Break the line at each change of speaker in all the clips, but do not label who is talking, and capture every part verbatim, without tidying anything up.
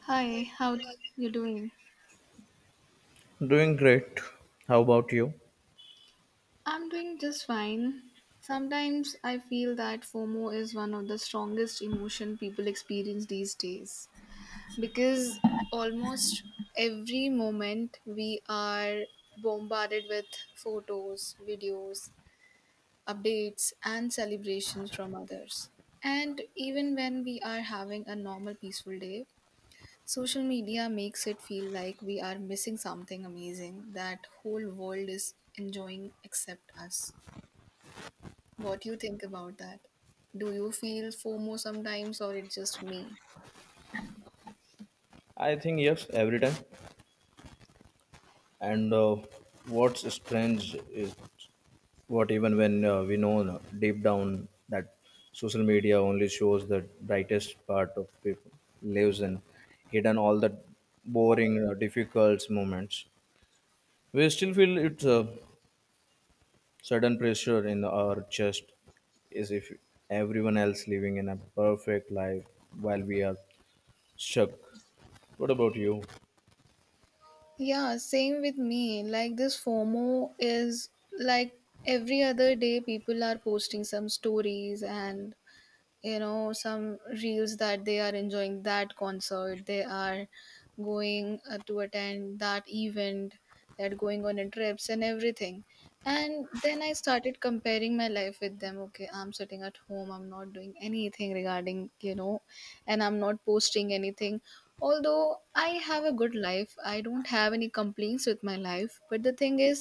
Hi, how's you doing?
Doing great. How about you?
I'm doing just fine. Sometimes I feel that FOMO is one of the strongest emotion people experience these days because almost every moment we are bombarded with photos, videos, updates and celebrations from others. And even when we are having a normal peaceful day, social media makes it feel like we are missing something amazing that whole world is enjoying except us. What do you think about that? Do you feel FOMO sometimes or it's just me?
I think yes, every time. And uh, what's strange is what even when uh, we know deep down that social media only shows the brightest part of people lives and hidden all the boring, uh, difficult moments. We still feel it's a sudden pressure in our chest is if everyone else living in a perfect life while we are stuck. What about you?
Yeah, same with me. Like this FOMO is like every other day people are posting some stories and, you know some reels that they are enjoying, that concert they are going uh, to attend, that event they're going on a trips and everything. And then I started comparing my life with them. Okay, I'm sitting at home, I'm not doing anything regarding, you know and I'm not posting anything. Although I have a good life, I don't have any complaints with my life, but the thing is,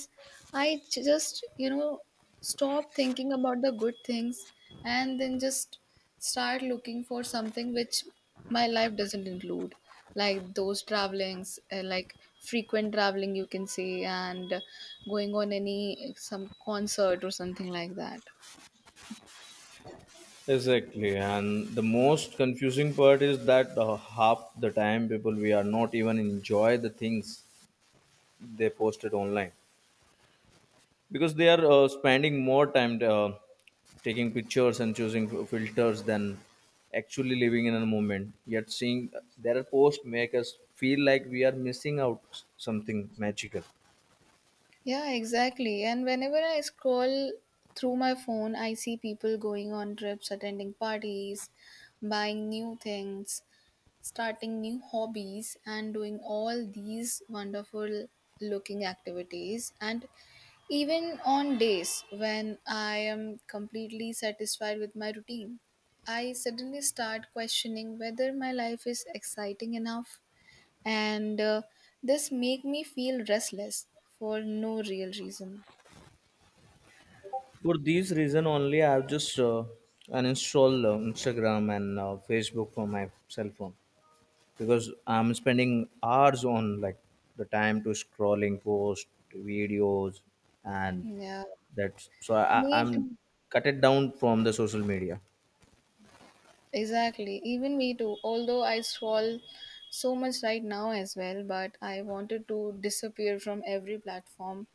I j- just you know stop thinking about the good things and then just start looking for something which my life doesn't include, like those travelings, uh, like frequent traveling you can say, and going on any some concert or something like that.
Exactly, and the most confusing part is that uh, half the time people we are not even enjoy the things they posted online because they are uh, spending more time uh, taking pictures and choosing f- filters than actually living in a moment. Yet seeing their post make us feel like we are missing out s- something magical.
Yeah, exactly. And whenever I scroll through my phone, I see people going on trips, attending parties, buying new things, starting new hobbies and doing all these wonderful looking activities. And even on days when I am completely satisfied with my routine, I suddenly start questioning whether my life is exciting enough, and uh, this make me feel restless for no real reason.
For these reason only, I have just uh, uninstalled uh, Instagram and uh, Facebook from my cell phone. Because I'm spending hours on like the time to scrolling post videos and
Yeah,
that's so I, I-
me
I'm
too.
cut it down from the social media.
Exactly. Even me too. Although I scroll so much right now as well, but I wanted to disappear from every platform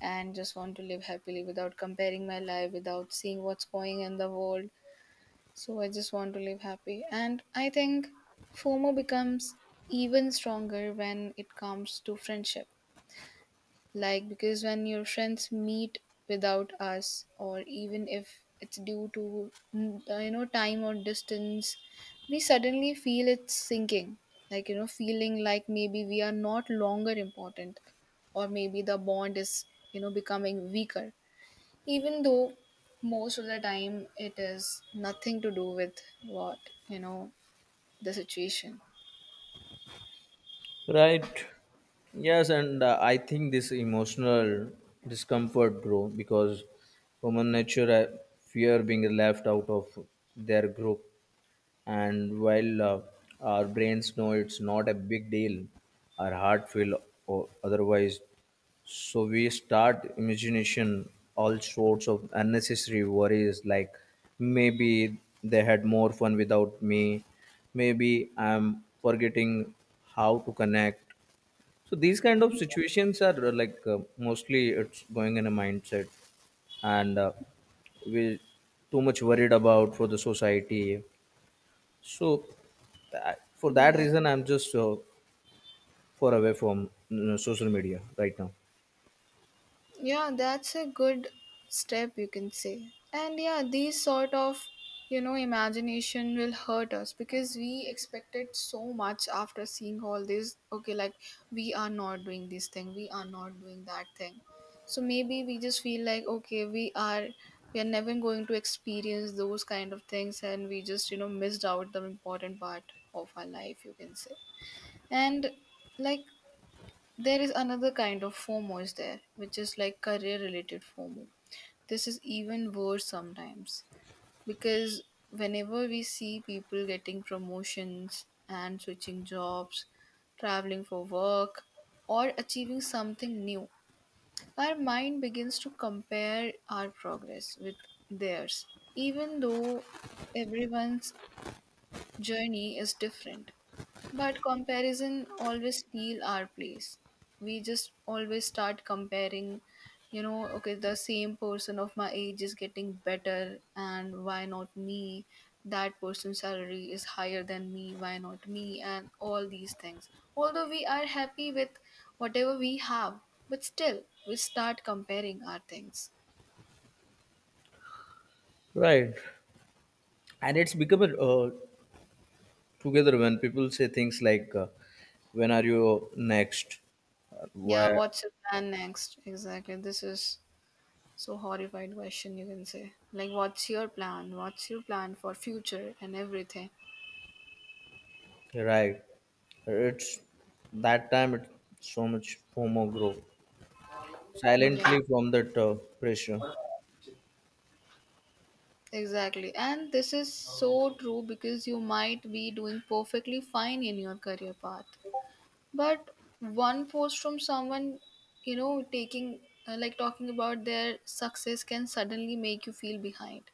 and just want to live happily without comparing my life, without seeing what's going in the world. So I just want to live happy. And I think FOMO becomes even stronger when it comes to friendship. Like, because when your friends meet without us, or even if it's due to, mm, uh, you know, time or distance, we suddenly feel it's sinking. Like, you know, feeling like maybe we are not longer important, or maybe the bond is, you know, becoming weaker. Even though most of the time it is nothing to do with what, you know, the situation.
Right. Yes, and uh, I think this emotional discomfort, bro, because human nature uh, fear being left out of their group and while uh, our brains know it's not a big deal our heart feel o- otherwise so we start imagination all sorts of unnecessary worries like maybe they had more fun without me maybe I'm forgetting how to connect. So these kind of situations are uh, like uh, mostly it's going in a mindset and uh, we too much worried about for the society. So, tha- for that
Yeah.
reason, I'm just uh, far away from you know, social media right now.
Yeah, that's a good step, you can say. And yeah, these sort of, you know, imagination will hurt us because we expected so much after seeing all this. Okay, like we are not doing this thing, we are not doing that thing. So maybe we just feel like, okay, we are we are never going to experience those kind of things, and we just, you know, missed out the important part of our life, you can say. And like there is another kind of FOMO is there, which is like career related FOMO. This is even worse sometimes because whenever we see people getting promotions and switching jobs, traveling for work, or achieving something new, our mind begins to compare our progress with theirs, even though everyone's journey is different. But comparison always steal our place. We just always start comparing, you know, okay, the same person of my age is getting better, and why not me? That person's salary is higher than me, why not me? And all these things. Although we are happy with whatever we have, but still, we start comparing our things.
Right. And it's become a, uh, together when people say things like, uh, when are you next? Uh,
Yeah,
Why?
what's your plan next? Exactly. This is so horrified question you can say, like what's your plan what's your plan for future and everything.
Right. It's that time, it's so much FOMO grow
Yeah,
silently from that uh, pressure.
exactly. And this is so true because you might be doing perfectly fine in your career path, but one post from someone, you know taking uh, like talking about their success, can suddenly make you feel behind.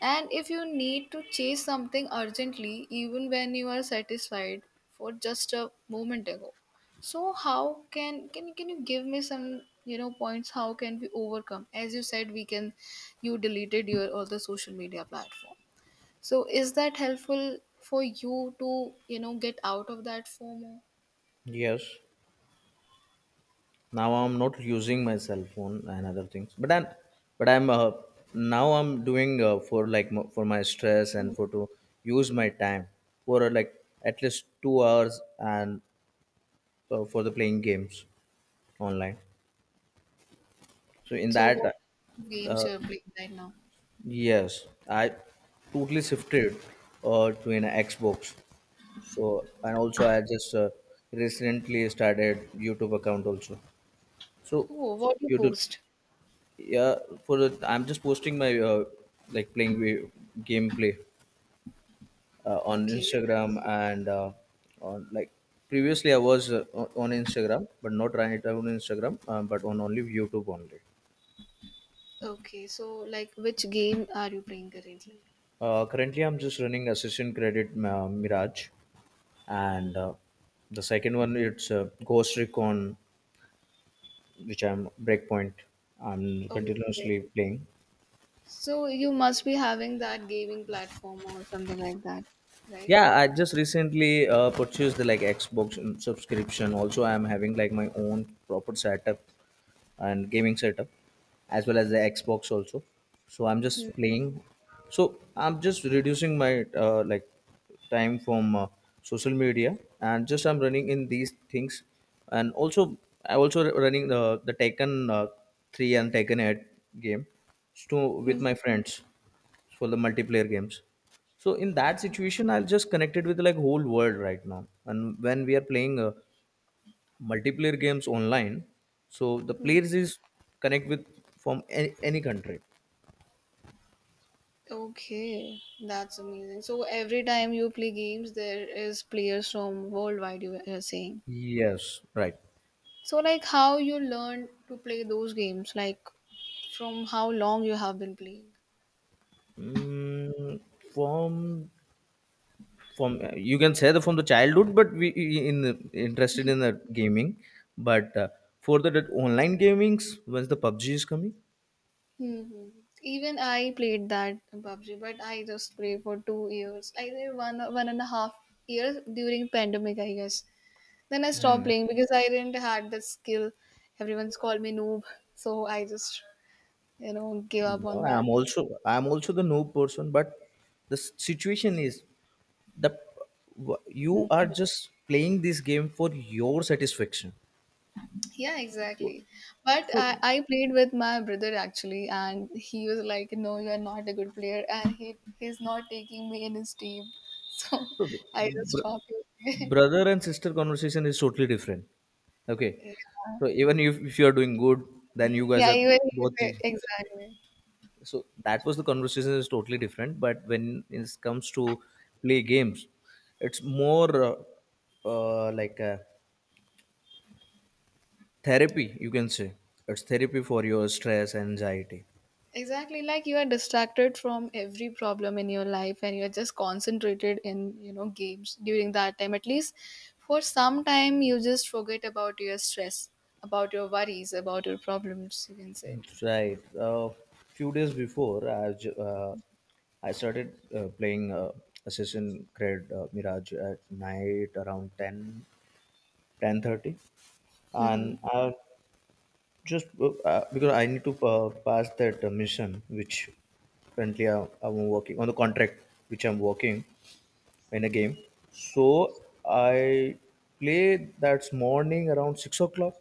And if you need to chase something urgently, even when you are satisfied for just a moment ago. So how can can can you give me some you know points? How can we overcome? As you said, we can. You deleted your all the social media platform. So is that helpful for you to you know get out of that FOMO?
Yes. Now I'm not using my cell phone and other things but i'm but I'm uh, now I'm doing uh, for like m- for my stress and for to use my time for uh, like at least two hours and uh, for the playing games online so in
So what
that
games
uh,
you are playing right now?
yes I totally shifted uh, to an Xbox, so and also I just uh, recently started YouTube account also, so
Oh, what you
YouTube
post?
yeah for the I'm just posting my uh, like playing wi- gameplay uh, on
Okay,
Instagram and uh, on like previously I was uh, o- on Instagram but not right on Instagram um, but on only YouTube only.
okay. So like, which game are you playing currently?
uh, currently I'm just running Assassin credit uh, Mirage and uh, the second one it's uh, Ghost Recon which I'm Breakpoint I'm
Okay.
continuously playing.
So you must be having that gaming platform or something like that, right?
Yeah I just recently uh, purchased the like Xbox subscription also I am having like my own proper setup and gaming setup as well as the Xbox also, so I'm
Mhm.
just playing. So I'm just reducing my uh, like time from uh, social media and just I'm running in these things and also I also r- running the, the Tekken uh, three and Tekken eight game to with
Mhm.
my friends for the multiplayer games. So in that situation I'll just connected with like whole world right now and when we are playing uh, multiplayer games online so the
Mhm.
players is connect with from any, any country.
Okay, that's amazing. So every time you play games, there is players from worldwide, you are saying.
Yes right.
So like how you learn to play those games, like from how long you have been playing.
mm, from from uh, you can say that from the childhood but we i- in the- interested in the gaming but uh, for the that online gamings once the PUBG is coming.
Hmm. Even I played that PUBG, but I just played for two years. I think one one and a half years during pandemic, I guess. Then I stopped playing because I didn't had the skill. Everyone's called me noob, so I just you know gave up on
No,
that.
I'm also I'm also the noob person but the s- situation is the w- you are
Mm.
just playing this game for your satisfaction
Yeah,
so
exactly. But
so.
I, I played with my brother actually, and he was like, "No, you are not a good player," and he he's not taking me in his team. So
So, the
I just
br-
stopped him.
brother and sister conversation is totally different. Okay.
Yeah,
So, even if, if you are doing good, then you guys
yeah,
are
even he
both.
said- exactly.
So, that was the conversation is totally different. But when it comes to play games, it's more uh, uh, like a therapy, you can say. It's therapy for your stress, anxiety.
Exactly, like you are distracted from every problem in your life, and you're just concentrated in, you know, games during that time. At least for some time, you just forget about your stress, about your worries, about your problems, you can say.
Right. A few days before, I, ju- uh, I started uh, playing uh, Assassin's Creed uh, Mirage at night around ten ten thirty,
Mm-hmm.
and I just, uh, uh, because I need to uh, pass that uh, mission, which currently I, I'm working on the contract, which I'm working in a game. So I play that morning around six o'clock.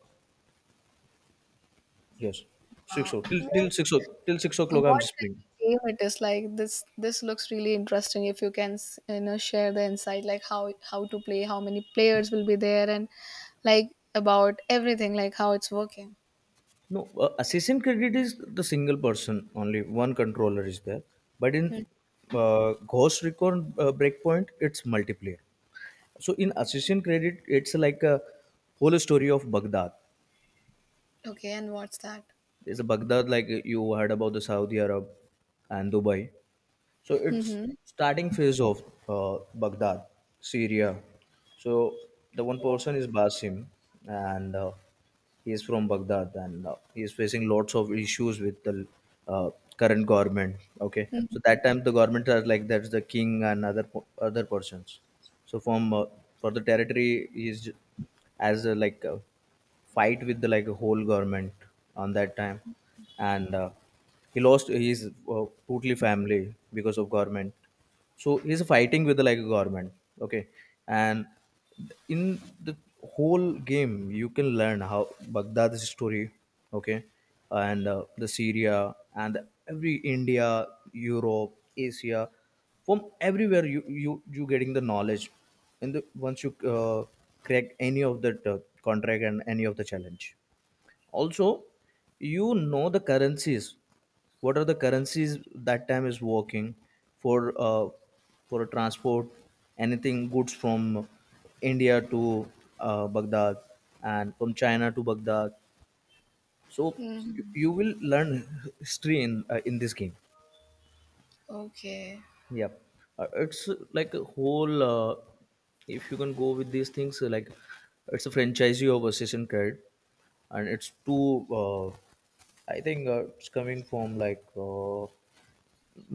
Yes, six
Uh,
o'clock. Till,
even
till six o'clock. Till six o'clock,
what
I'm just
kind
playing.
of game it is, like this this looks really interesting. If you can s- you know share the insight, like how how to play, how many players will be there, and like about everything, like how it's working.
No, uh, assistant credit is the single person, only one controller is there. But in
Mm.
uh, Ghost Recon uh, Breakpoint, it's multiplayer. So in assistant credit, it's like a whole story of Baghdad.
Okay, and what's that?
It's a Baghdad like you heard about the Saudi Arab and Dubai. So it's
Mm-hmm.
starting phase of uh, Baghdad, Syria. So the one person is Basim, and uh, he is from Baghdad, and uh, he is facing lots of issues with the uh, current government. Okay, so
Mm-hmm.
that time the government are like that's the king and other po- other persons. So from uh, for the territory he is j- as a, like a fight with the like a whole government on that time, and. Uh, he lost his uh, totally family because of government so he's fighting with like a government okay and in the whole game you can learn how Baghdad's story okay and uh, the Syria and every India, Europe, Asia from everywhere you you you getting the knowledge and the, once you uh, crack any of that uh, contract and any of the challenge also, you know the currencies. What are the currencies that time is working for uh, for a transport, anything goods from India to uh, Baghdad and from China to Baghdad. So you,
Mhm.
you will learn history in uh, in this game.
Okay.
Yep. Uh, it's uh, like a whole, uh, if you can go with these things, uh, like it's a franchisee of Assassin's Creed, and it's two, uh, I think uh, it's coming from like uh,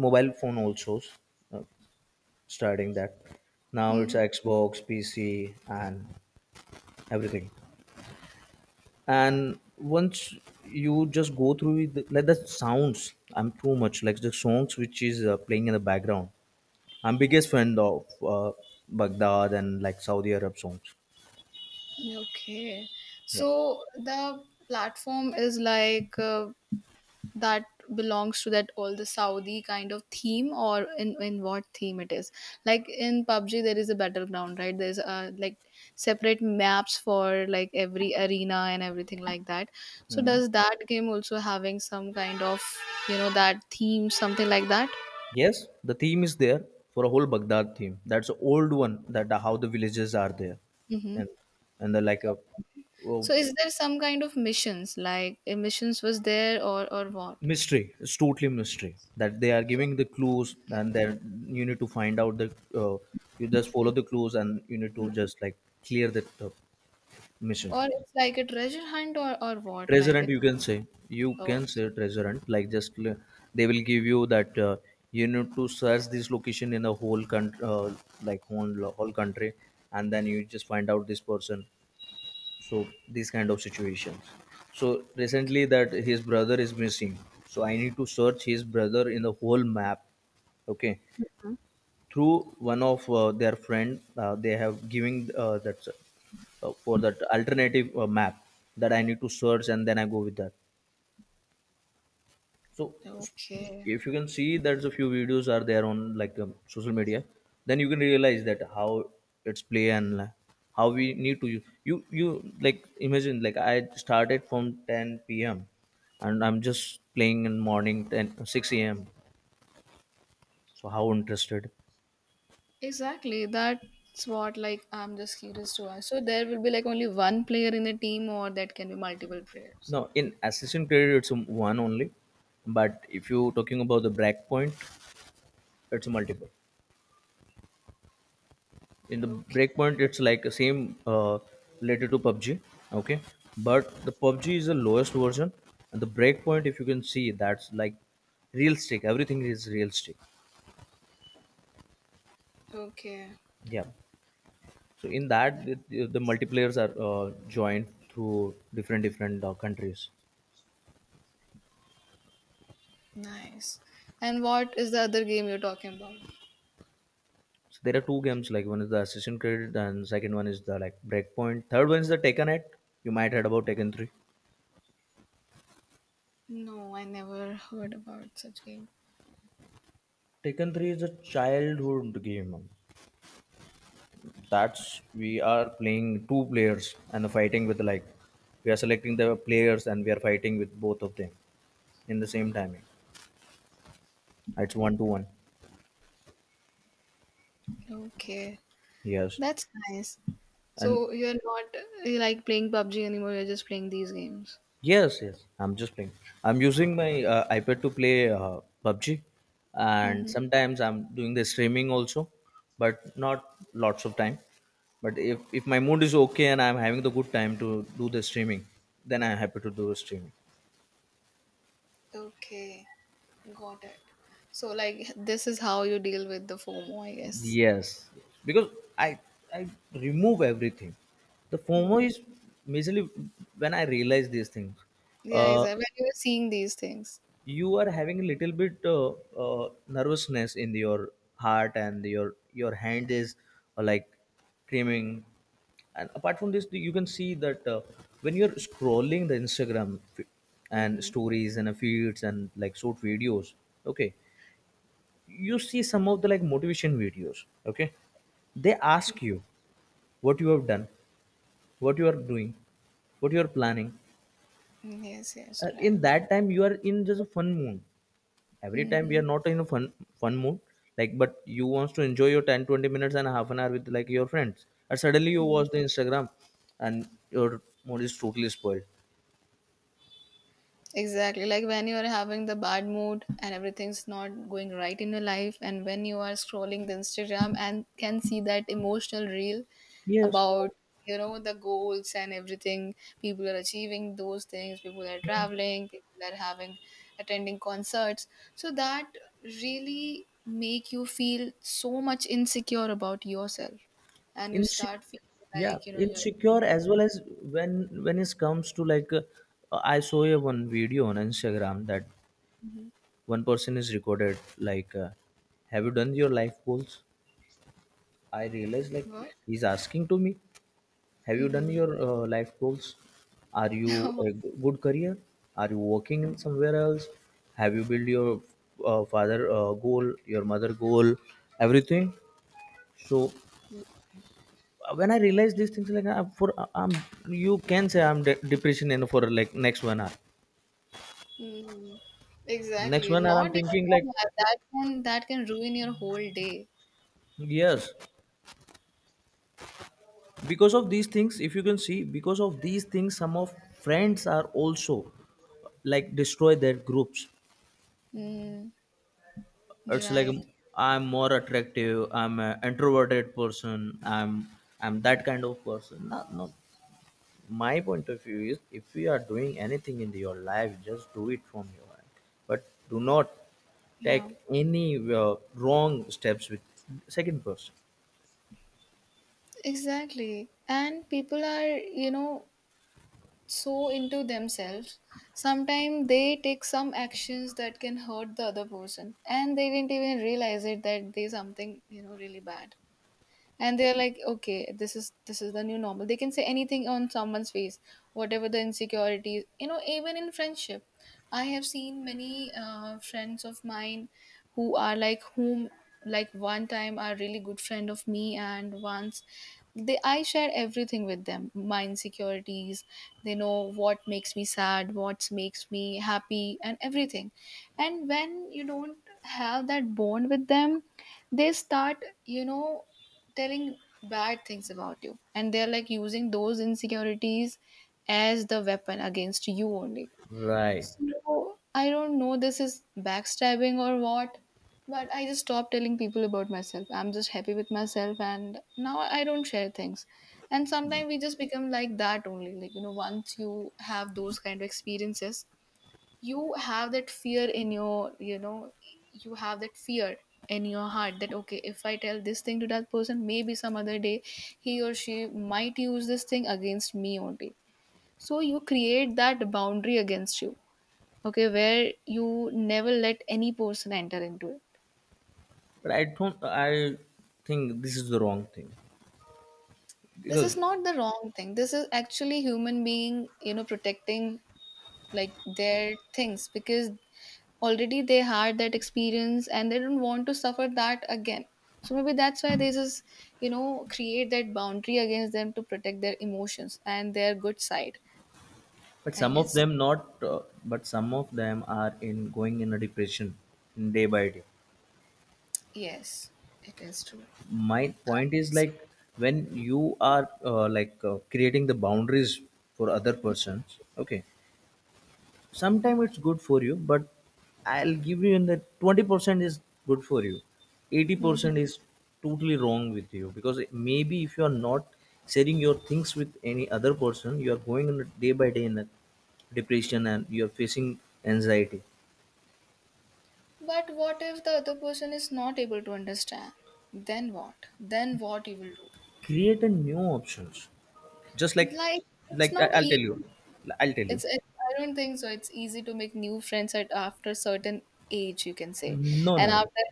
mobile phone also, uh, starting that. Now it's
Mhm.
Xbox, P C, and everything. And once you just go through it, like the sounds, I'm too much, like the songs which is uh, playing in the background. I'm biggest fan of uh, Baghdad and like Saudi Arab songs.
Okay.
Yep.
So the platform is like uh, that belongs to that all the Saudi kind of theme, or in, in what theme it is. Like in PUBG there is a battleground, right? There's uh, like separate maps for like every arena and everything like that. So does that game also having some kind of, you know, that theme something like that?
Yes, the theme is there for a whole Baghdad theme. That's an old one that how the villages are there,
Mm-hmm.
and and the like a well,
So is there some kind of missions, like a missions was there, or or what?
mystery. It's totally mystery that they are giving the clues, and then you need to find out the uh, you just follow the clues, and you need to just like clear that uh, mission.
Or it's like a treasure hunt, or, or what?
Treasure
Like
hunt
it's.
you can say you
Oh,
can say treasure hunt like just l- they will give you that uh, you need to search this location in the whole country uh, like whole whole country and then you just find out this person so these kind of situations. So recently that his brother is missing so I need to search his brother in the whole map okay through one of uh, their friend uh, they have giving uh, that uh, for that alternative uh, map that I need to search and then I go with that so.
okay.
If you can see that a few videos are there on like um, social media then you can realize that how it's play and uh, how we need to u- you you like imagine like I started from ten p m p.m and I'm just playing in morning ten six a m so how interested.
Exactly. That's what, like I'm just curious to ask. So there will be like only one player in the team or that can be multiple players.
Now in assassin creed it's a one only but if you talking about the breakpoint it's a multiple. In the
Okay.
breakpoint it's like the same uh, related to PUBG okay but the PUBG is the lowest version and the breakpoint if you can see that's like real stick everything is real stick.
Okay.
Yeah so in that the, the multiplayers are uh, joined through different different uh, countries.
Nice. And what is the other game you're talking about?
So there are two games like one is the assassin creed and second one is the like breakpoint third one is the Tekken eight you might heard about Tekken three.
No, I never heard about such game.
Tekken three is a childhood game that's we are playing two players and fighting with like we are selecting the players and we are fighting with both of them in the same timing it's one to one.
Okay.
Yes.
That's nice.
And
So you're not uh, like playing PUBG anymore, you're just playing these games.
yes yes I'm just playing I'm using my uh, iPad to play uh, PUBG and
Mm-hmm.
sometimes I'm doing the streaming also but not lots of time but if, if my mood is okay and I'm having the good time to do the streaming then I'm happy to do the streaming.
Okay. Got it. So, like, this is how you deal with the FOMO, I guess.
Yes, because I I remove everything. The
Hmm.
FOMO is majorly when I realize these things.
Yeah,
Uh,
exactly. When you're seeing these things.
you are having a little bit uh, uh, nervousness in your heart and your your hand is uh, like creaming. And apart from this, you can see that uh, when you're scrolling the Instagram f- and
Mm-hmm.
stories and uh, feeds and like short videos, okay, you see some of the like motivation videos, okay, they ask you what you have done, what you are doing, what you are planning.
Yes, yes,
Uh, in
right.
that time you are in just a fun mood. Every time we
Mm-hmm.
are not in a fun fun mood, like, but you wants to enjoy your ten twenty minutes and half an hour with like your friends, and suddenly you
Hmm.
watch the instagram and your mood is totally spoiled.
Exactly. Like when you are having the bad mood and everything's not going right in your life, and when you are scrolling the Instagram and can see that emotional reel
Yes.
about, you know the goals and everything, people are achieving those things, people are traveling, people are having, attending concerts, so that really make you feel so much insecure about yourself, and you
Inse-
start feeling
yeah,
like, you know you're
insecure as well as when when it comes to like uh, I saw a one video on instagram that one person is recorded like uh, have you done your life goals? I realize like
what?
he's asking to me, have you done
Mm-hmm.
your uh, life goals, are you a g- good career, are you working in somewhere else, have you built your uh, father uh, goal, your mother goal, everything? So uh, when I realize these things, like, I'm for I- i'm you can say i'm de- depression in for like next one hour.
Mm,
Next
exactly.
one hour I'm
Not even
thinking like,
one hour. That can that can ruin your whole day.
yes, because of these things, if you can see, because of these things some of friends are also like destroy their groups.
Mm,
It's like
right.
I'm more attractive, I'm an introverted person, I'm i'm that kind of person. Not, not my point of view is, if you are doing anything in your life just do it from your end, but do not take
Yeah.
any uh, wrong steps with second person.
Exactly. And people are, you know, so into themselves. Sometimes they take some actions that can hurt the other person, and they didn't even realize it that they something, you know, really bad. And they're like, okay, this is this is the new normal. They can say anything on someone's face, whatever the insecurities, you know, even in friendship. I have seen many uh, friends of mine who are like, whom, like, one time are really good friend of me, and once they, I share everything with them, my insecurities. They know what makes me sad, what makes me happy, and everything. And when you don't have that bond with them, they start, you know, telling bad things about you, and they're like using those insecurities as the weapon against you only.
Right.
So I don't know, this is backstabbing or what, but I just stopped telling people about myself. I'm just happy with myself, and now I don't share things. And sometimes we just become like that only, like, you know, once you have those kind of experiences, you have that fear in your you know you have that fear in your heart that, okay, if I tell this thing to that person, maybe some other day he or she might use this thing against me only. So you create that boundary against you, okay, where you never let any person enter into it.
But I don't I think this is the wrong thing.
This is
Because
not the wrong thing. This is actually human being, you know, protecting, like, their things because already they had that experience and they don't want to suffer that again. So maybe that's why they just, you know, create that boundary against them to protect their emotions and their good side,
but
I
some of
guess.
them not uh, but some of them are in going in a depression day by day.
Yes, it is true.
My
I
point is like, when you are uh, like uh, creating the boundaries for other persons, okay, sometime it's good for you, but I'll give you in the twenty percent is good for you,
hmm
eighty percent is totally wrong with you, because maybe if you are not sharing your things with any other person you are going in a day by day in a depression and you are facing anxiety.
But what if the other person is not able to understand? Then what? Then what you will do?
Create a new options, just like
Like, it's
like I-
not
I'll tell you,
easy.
I'll tell you.
It's, it's I don't think so it's easy to make new friends at after certain age, you can say.
No
And
no no.
after,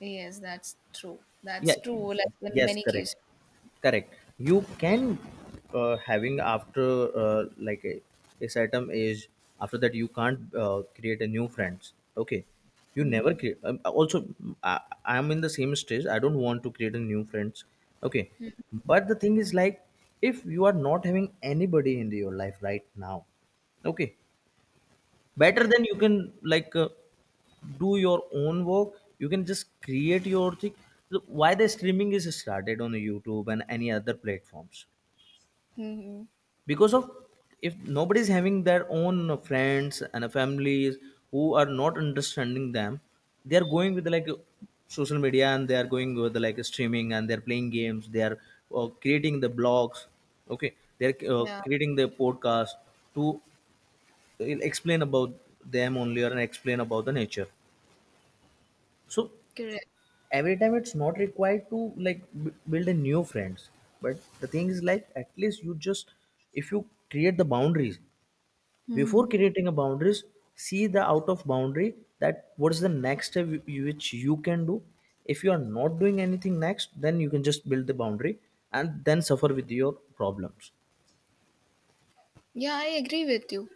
yes, that's true. That's
Yeah.
true. Like in
Yes,
many
correct.
cases.
Correct, you can uh, having after uh, like a, a certain age, after that you can't uh, create a new friends, okay? You
Hmm.
never create um, also mm, I, I'm in the same stage, I don't want to create a new friends, okay? But the thing is like, if you are not having anybody in your life right now, okay, better
Yeah.
than you can like uh, do your own work, you can just create your thing. Look, why the streaming is started on youtube and any other platforms?
Hmm.
Because of, if nobody's having their own friends and families who are not understanding them, they are going with like social media and they are going with like streaming and they're playing games, they are uh, creating the blogs, okay, they're uh,
Yeah,
creating the podcast to he'll explain about them only or and explain about the nature. So
correct.
every time it's not required to like b- build a new friends, but the thing is like at least you just, if you create the boundaries, before
Hmm.
creating a boundaries see the out of boundary that what is the next step whi- which you can do. If you are not doing anything next, then you can just build the boundary and then suffer with your problems.
Yeah, I agree with you.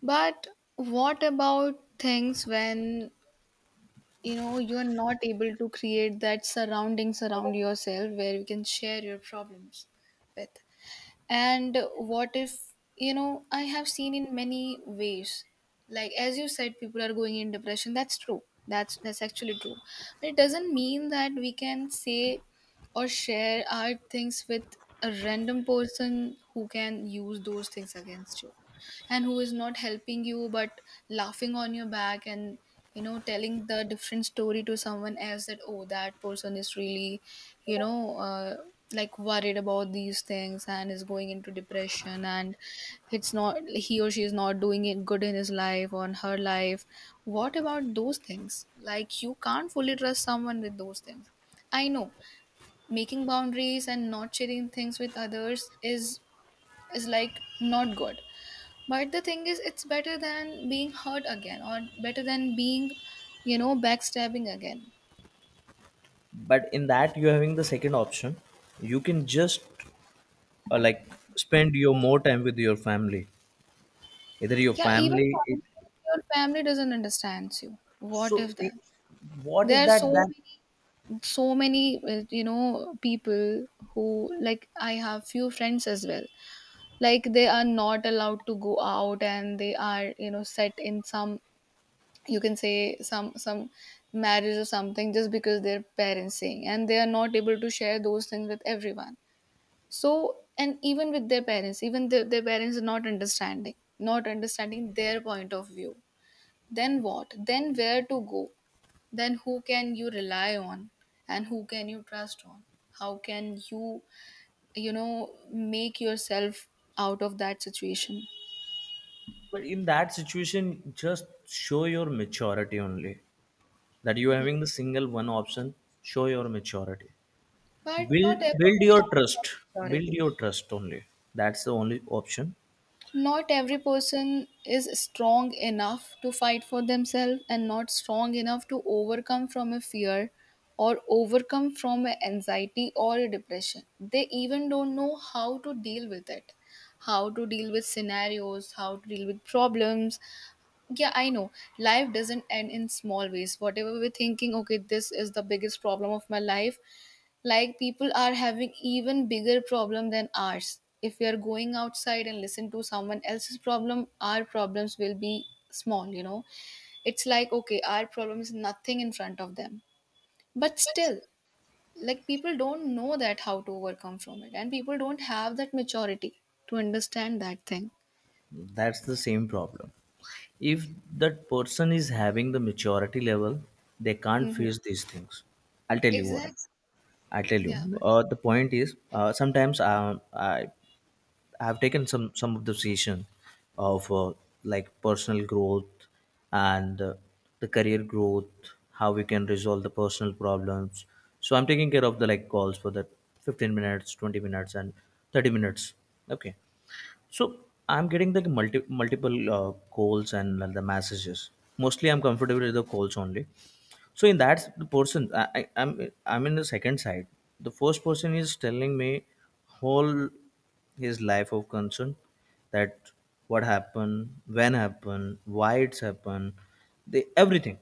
But what about things when, you know, you are not able to create that surroundings around yourself where you can share your problems with? And what if, you know, I have seen in many ways, like, as you said, people are going in depression. That's true. That's that's actually true. But it doesn't mean that we can say or share our things with a random person who can use those things against you and who is not helping you but laughing on your back and, you know, telling the different story to someone else that, oh, that person is really, you know, uh, like, worried about these things and is going into depression. And it's not, he or she is not doing it good in his life or in her life. What about those things? Like, you can't fully trust someone with those things. I know, making boundaries and not sharing things with others is is like not good. But the thing is, it's better than being hurt again or better than being, you know, backstabbing again.
But in that you're having the second option, you can just uh, like spend your more time with your family, either your
Yeah, even
family it,
sometimes your family doesn't understand you. What
so
if
it,
that?
what if
There are so
that that?
many, so many, uh, you know, people who, like, I have few friends as well. Like, they are not allowed to go out and they are, you know, set in some, you can say, some, some marriage or something just because their parents saying and they are not able to share those things with everyone. So, and even with their parents, even their, their parents are not understanding, not understanding their point of view. Then what? Then where to go? Then who can you rely on and who can you trust on? How can you, you know, make yourself out of that situation?
But in that situation just show your maturity only, that you are having the single one option. Show your maturity.
But
build
not
build
everyone
your
has
trust,
that
build
maturity.
your trust only, that's the only option.
Not every person is strong enough to fight for themselves and not strong enough to overcome from a fear or overcome from a anxiety or a depression. They even don't know how to deal with it, how to deal with scenarios, how to deal with problems, yeah, I know. Life doesn't end in small ways. Whatever we're thinking, okay, this is the biggest problem of my life. Like, people are having even bigger problem than ours. If we are going outside and listen to someone else's problem, our problems will be small, you know. It's like, okay, our problem is nothing in front of them. But still, like, people don't know that how to overcome from it and people don't have that maturity to understand that thing.
That's the same problem. If that person is having the maturity level, they can't
Hmm.
face these things. I'll tell you what,
Exactly.
I tell
Yeah.
you, uh, the point is uh, sometimes uh, I I have taken some some of the decision of uh, like personal growth, and uh, the career growth, how we can resolve the personal problems. So I'm taking care of the like calls for the fifteen minutes, twenty minutes, and thirty minutes. Okay, so I'm getting the multi multiple uh, calls and the messages. Mostly, I'm comfortable with the calls only, so in that the person I, I I'm I'm in the second side. The first person is telling me whole his life of concern, that what happened, when happened, why it's happened, the everything.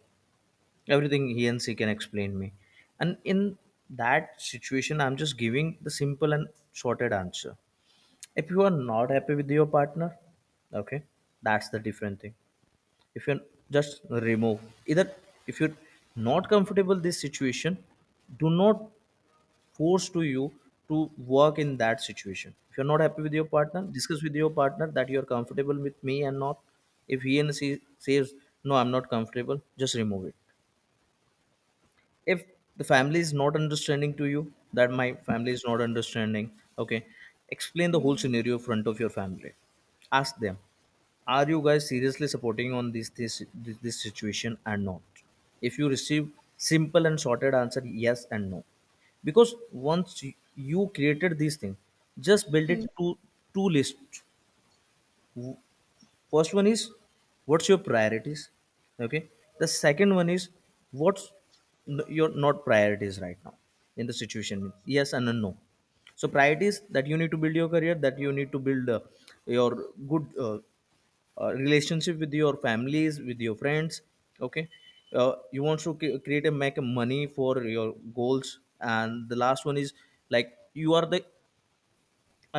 Everything he and she can explain me. And in that situation I'm just giving the simple and sorted answer. If you are not happy with your partner, okay, that's the different thing. If you just remove, either if you're not comfortable this situation, do not force to you to work in that situation. If you're not happy with your partner, discuss with your partner that you're comfortable with me and not. If he and she says no I'm not comfortable, just remove it. If the family is not understanding to you, that my family is not understanding, okay, explain the whole
Hmm.
scenario in front of your family, ask them, are you guys seriously supporting on this this this, this situation and not? If you receive simple and sorted answer yes and no, because once you you created these things, just build it to two lists. First one is, what's your priorities? Okay. The second one is, what's n- your not priorities right now in the situation. Yes and a no. So priorities that you need to build your career, that you need to build uh, your good uh, uh, relationship with your families, with your friends. Okay. Uh, you want to c- create and make money for your goals. And the last one is, like, you are the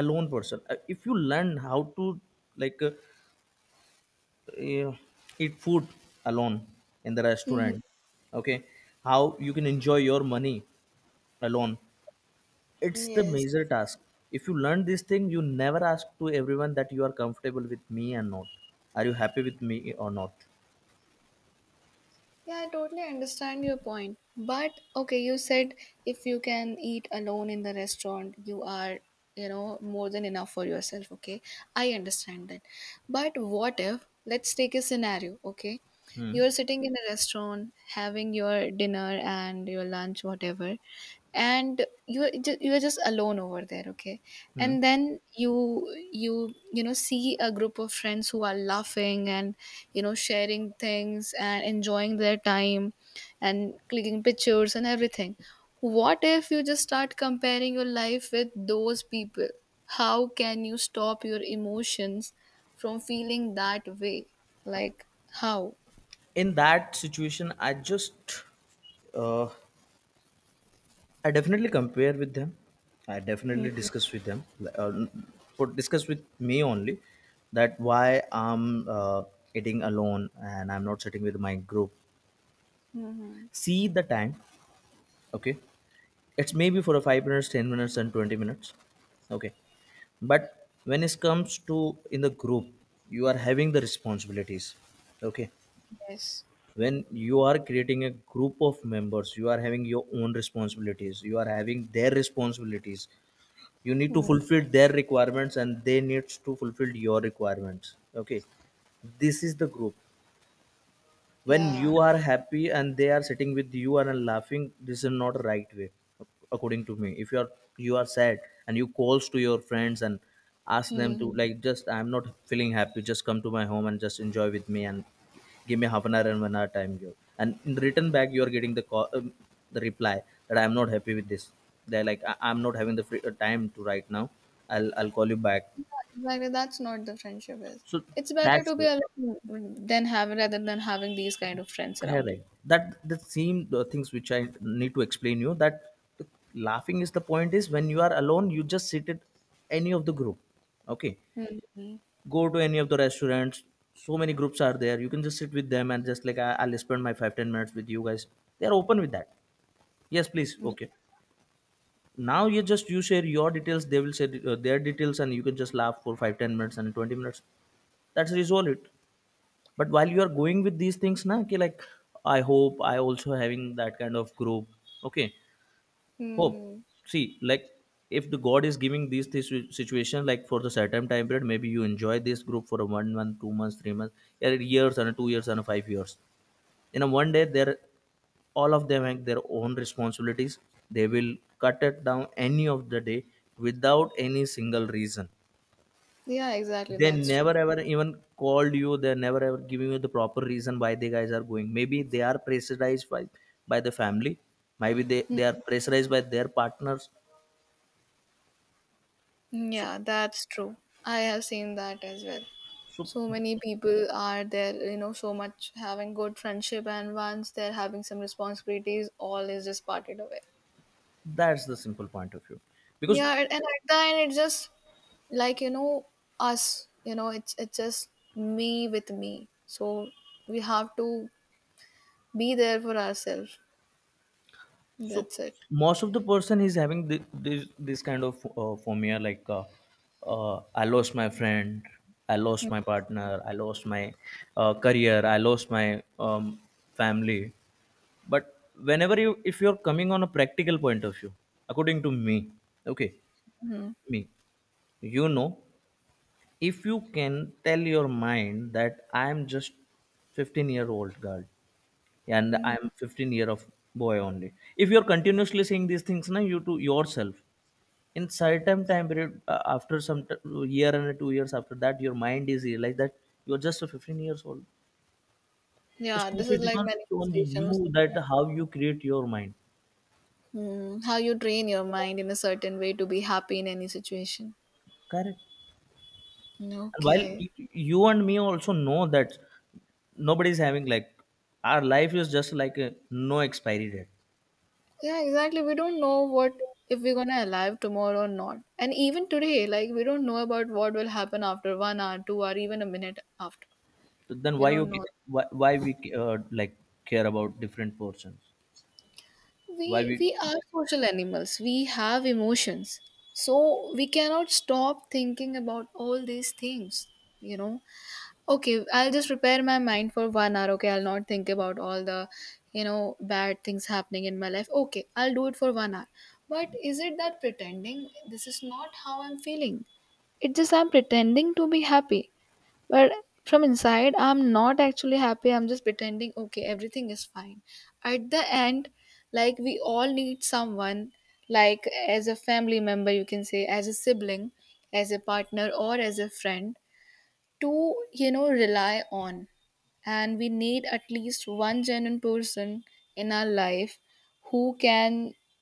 alone person. Uh, If you learn how to like uh, uh, eat food alone in the
Hmm.
restaurant, okay, how you can enjoy your money alone, it's the
Yes.
major task. If you learn this thing you never ask to everyone that you are comfortable with me and not, are you happy with me or not?
Yeah, I totally understand your point. But okay, you said, if you can eat alone in the restaurant, you are, you know, more than enough for yourself. Okay. I understand that. But what if, let's take a scenario. Okay.
Hmm,
You're sitting in a restaurant having your dinner and your lunch, whatever, and you are ju- you are just alone over there, okay.
hmm.
And then you you you know see a group of friends who are laughing and, you know, sharing things and enjoying their time and clicking pictures and everything. What if you just start comparing your life with those people? How can you stop your emotions from feeling that way, like, how?
In that situation I just uh, I definitely compare with them. I definitely
Mhm.
discuss with them. Uh, put discuss with me only, that why I'm uh, eating alone and I'm not sitting with my group.
Mm-hmm.
See the time. Okay, it's maybe for a five minutes, ten minutes, and twenty minutes. Okay, but when it comes to in the group, you are having the responsibilities. Okay,
Yes.
when you are creating a group of members, you are having your own responsibilities. You are having their responsibilities, you need to
Mm.
fulfill their requirements and they needs to fulfill your requirements, okay? This is the group. When
Yeah.
you are happy and they are sitting with you and are laughing, this is not right way according to me. If you are, you are sad and you calls to your friends and ask them to
Mhm.
like, just I'm not feeling happy, just come to my home and just enjoy with me and give me half an hour and one hour time here, and in return back you are getting the call, um, the reply that I'm not happy with this. They're like I- I'm not having the free, uh, time to right now, i'll I'll call you back.
Exactly, that's not the friendship is.
So
It's better
that's
to be
it.
alone than have, rather than having these kind of friends around you.
Correct. That the same the things which I need to explain you, that the laughing is the point is, when you are alone, you just sit at any of the group. Okay,
Mm-hmm.
go to any of the restaurants. So many groups are there. You can just sit with them and just like I, I'll spend my five ten minutes with you guys. They are open with that. Yes, please. Okay. Now you just you share your details. They will share uh, their details, and you can just laugh for five ten minutes and twenty minutes. That's resolve it, but while you are going with these things na, okay, like, I hope I also having that kind of group, okay? Hope,
Mm-hmm.
see, like, if the god is giving these this situation, like, for the certain time period, maybe you enjoy this group for a one month, two months, three months, yeah, years and two years and five years. In a one day they're, all of them have their own responsibilities, they will cut it down any of the day without any single reason.
Yeah, exactly.
They
That's
never
true.
ever even called you. They never ever giving you the proper reason why the guys are going. Maybe they are pressurized by by the family. Maybe they,
Mm.
they are pressurized by their partners. So
Yeah, that's true. I have seen that as well.
so
So many people are there, you know, so much having good friendship, and once they're having some responsibilities, all is just parted away.
that's the simple point of view. Because
Yeah, and, and at the end, it's just, like, you know, us. You know, it's it's just me with me. So we have to be there for ourselves.
so
That's it.
most of the person is having thi- this this kind of uh, phobia like uh, uh, I lost my friend, I lost my partner, I lost my uh, career, I lost my um, family, but whenever you, if you're coming on a practical point of view, according to me, okay,
Mhm.
me, you know, if you can tell your mind that I am just fifteen year old girl and
Mhm.
I am fifteen year of boy only, if you're continuously saying these things now you to yourself, in certain time period uh, after some t- year and two years, after that your mind is realized that you're just a fifteen years old. It
Yeah, this
totally
is like
depends on
manifestation or
you
something
that
like,
how you create your mind.
Mm, how you train your mind in a certain way to be happy in any situation.
Correct. And while
Okay.
y- you and me also know that nobody's having like, our life is just like a no expiry date.
Yeah, exactly. We don't know what, if we're gonna alive tomorrow or not. And even today, like, we don't know about what will happen after one hour, two hour, even a minute after.
So then
We
why you
don't know.
ca- why, why we uh, like care about different portions, why
We
we?
we are social animals. We have emotions. So we cannot stop thinking about all these things, you know. Okay, I'll just prepare my mind for one hour. Okay, I'll not think about all the, you know, bad things happening in my life. Okay, I'll do it for one hour. But is it that pretending this is not how I'm feeling? It's just I'm pretending to be happy. But from inside, I'm not actually happy. I'm just pretending, okay, everything is fine. At the end, like, we all need someone, like, as a family member, you can say, as a sibling, as a partner, or as a friend to, you know, rely on. And we need at least one genuine person in our life who can,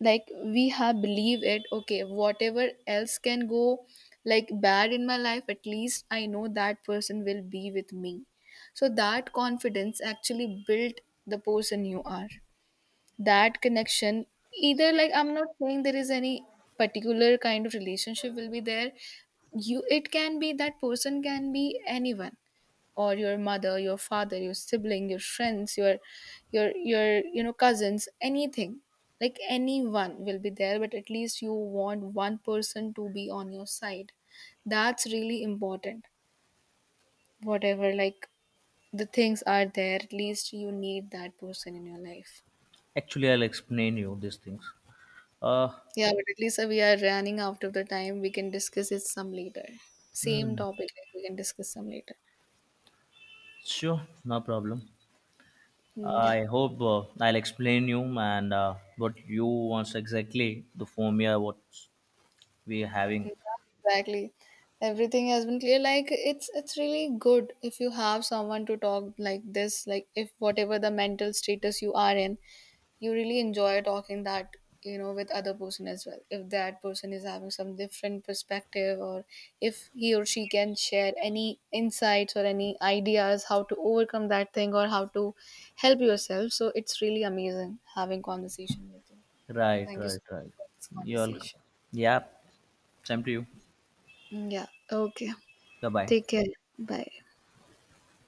like, we have believe it, okay, whatever else can go, like, bad in my life, at least I know that person will be with me. So that confidence actually built the person you are, that connection. Either, like, I'm not saying there is any particular kind of relationship will be there. You, it can be, that person can be anyone, or your mother, your father, your sibling, your friends, your your your you know cousins, anything. Like, anyone will be there, but at least you want one person to be on your side. That's really important. Whatever, like, the things are there, at least you need that person in your life.
Actually I'll explain you these things, uh.
Yeah, but at least, uh, we are running out of the time. We can discuss it some later, same
Hmm,
topic, like, we can discuss some later.
sure, no problem.
Mm,
Uh,
yeah.
I hope uh, I'll explain you and uh, what you wants exactly the formula what we're having.
Yeah, exactly. Everything has been clear. Like, it's it's really good if you have someone to talk like this. Like, if whatever the mental status you are in, you really enjoy talking that, you know, with other person as well. If that person is having some different perspective, or if he or she can share any insights or any ideas how to overcome that thing or how to help yourself. So it's really amazing having conversation with you.
Right
Thank you so
right right,
much for this
you all.
conversation.
Yeah, same to you.
Mm, yeah. Okay.
Bye bye.
Take care. Bye.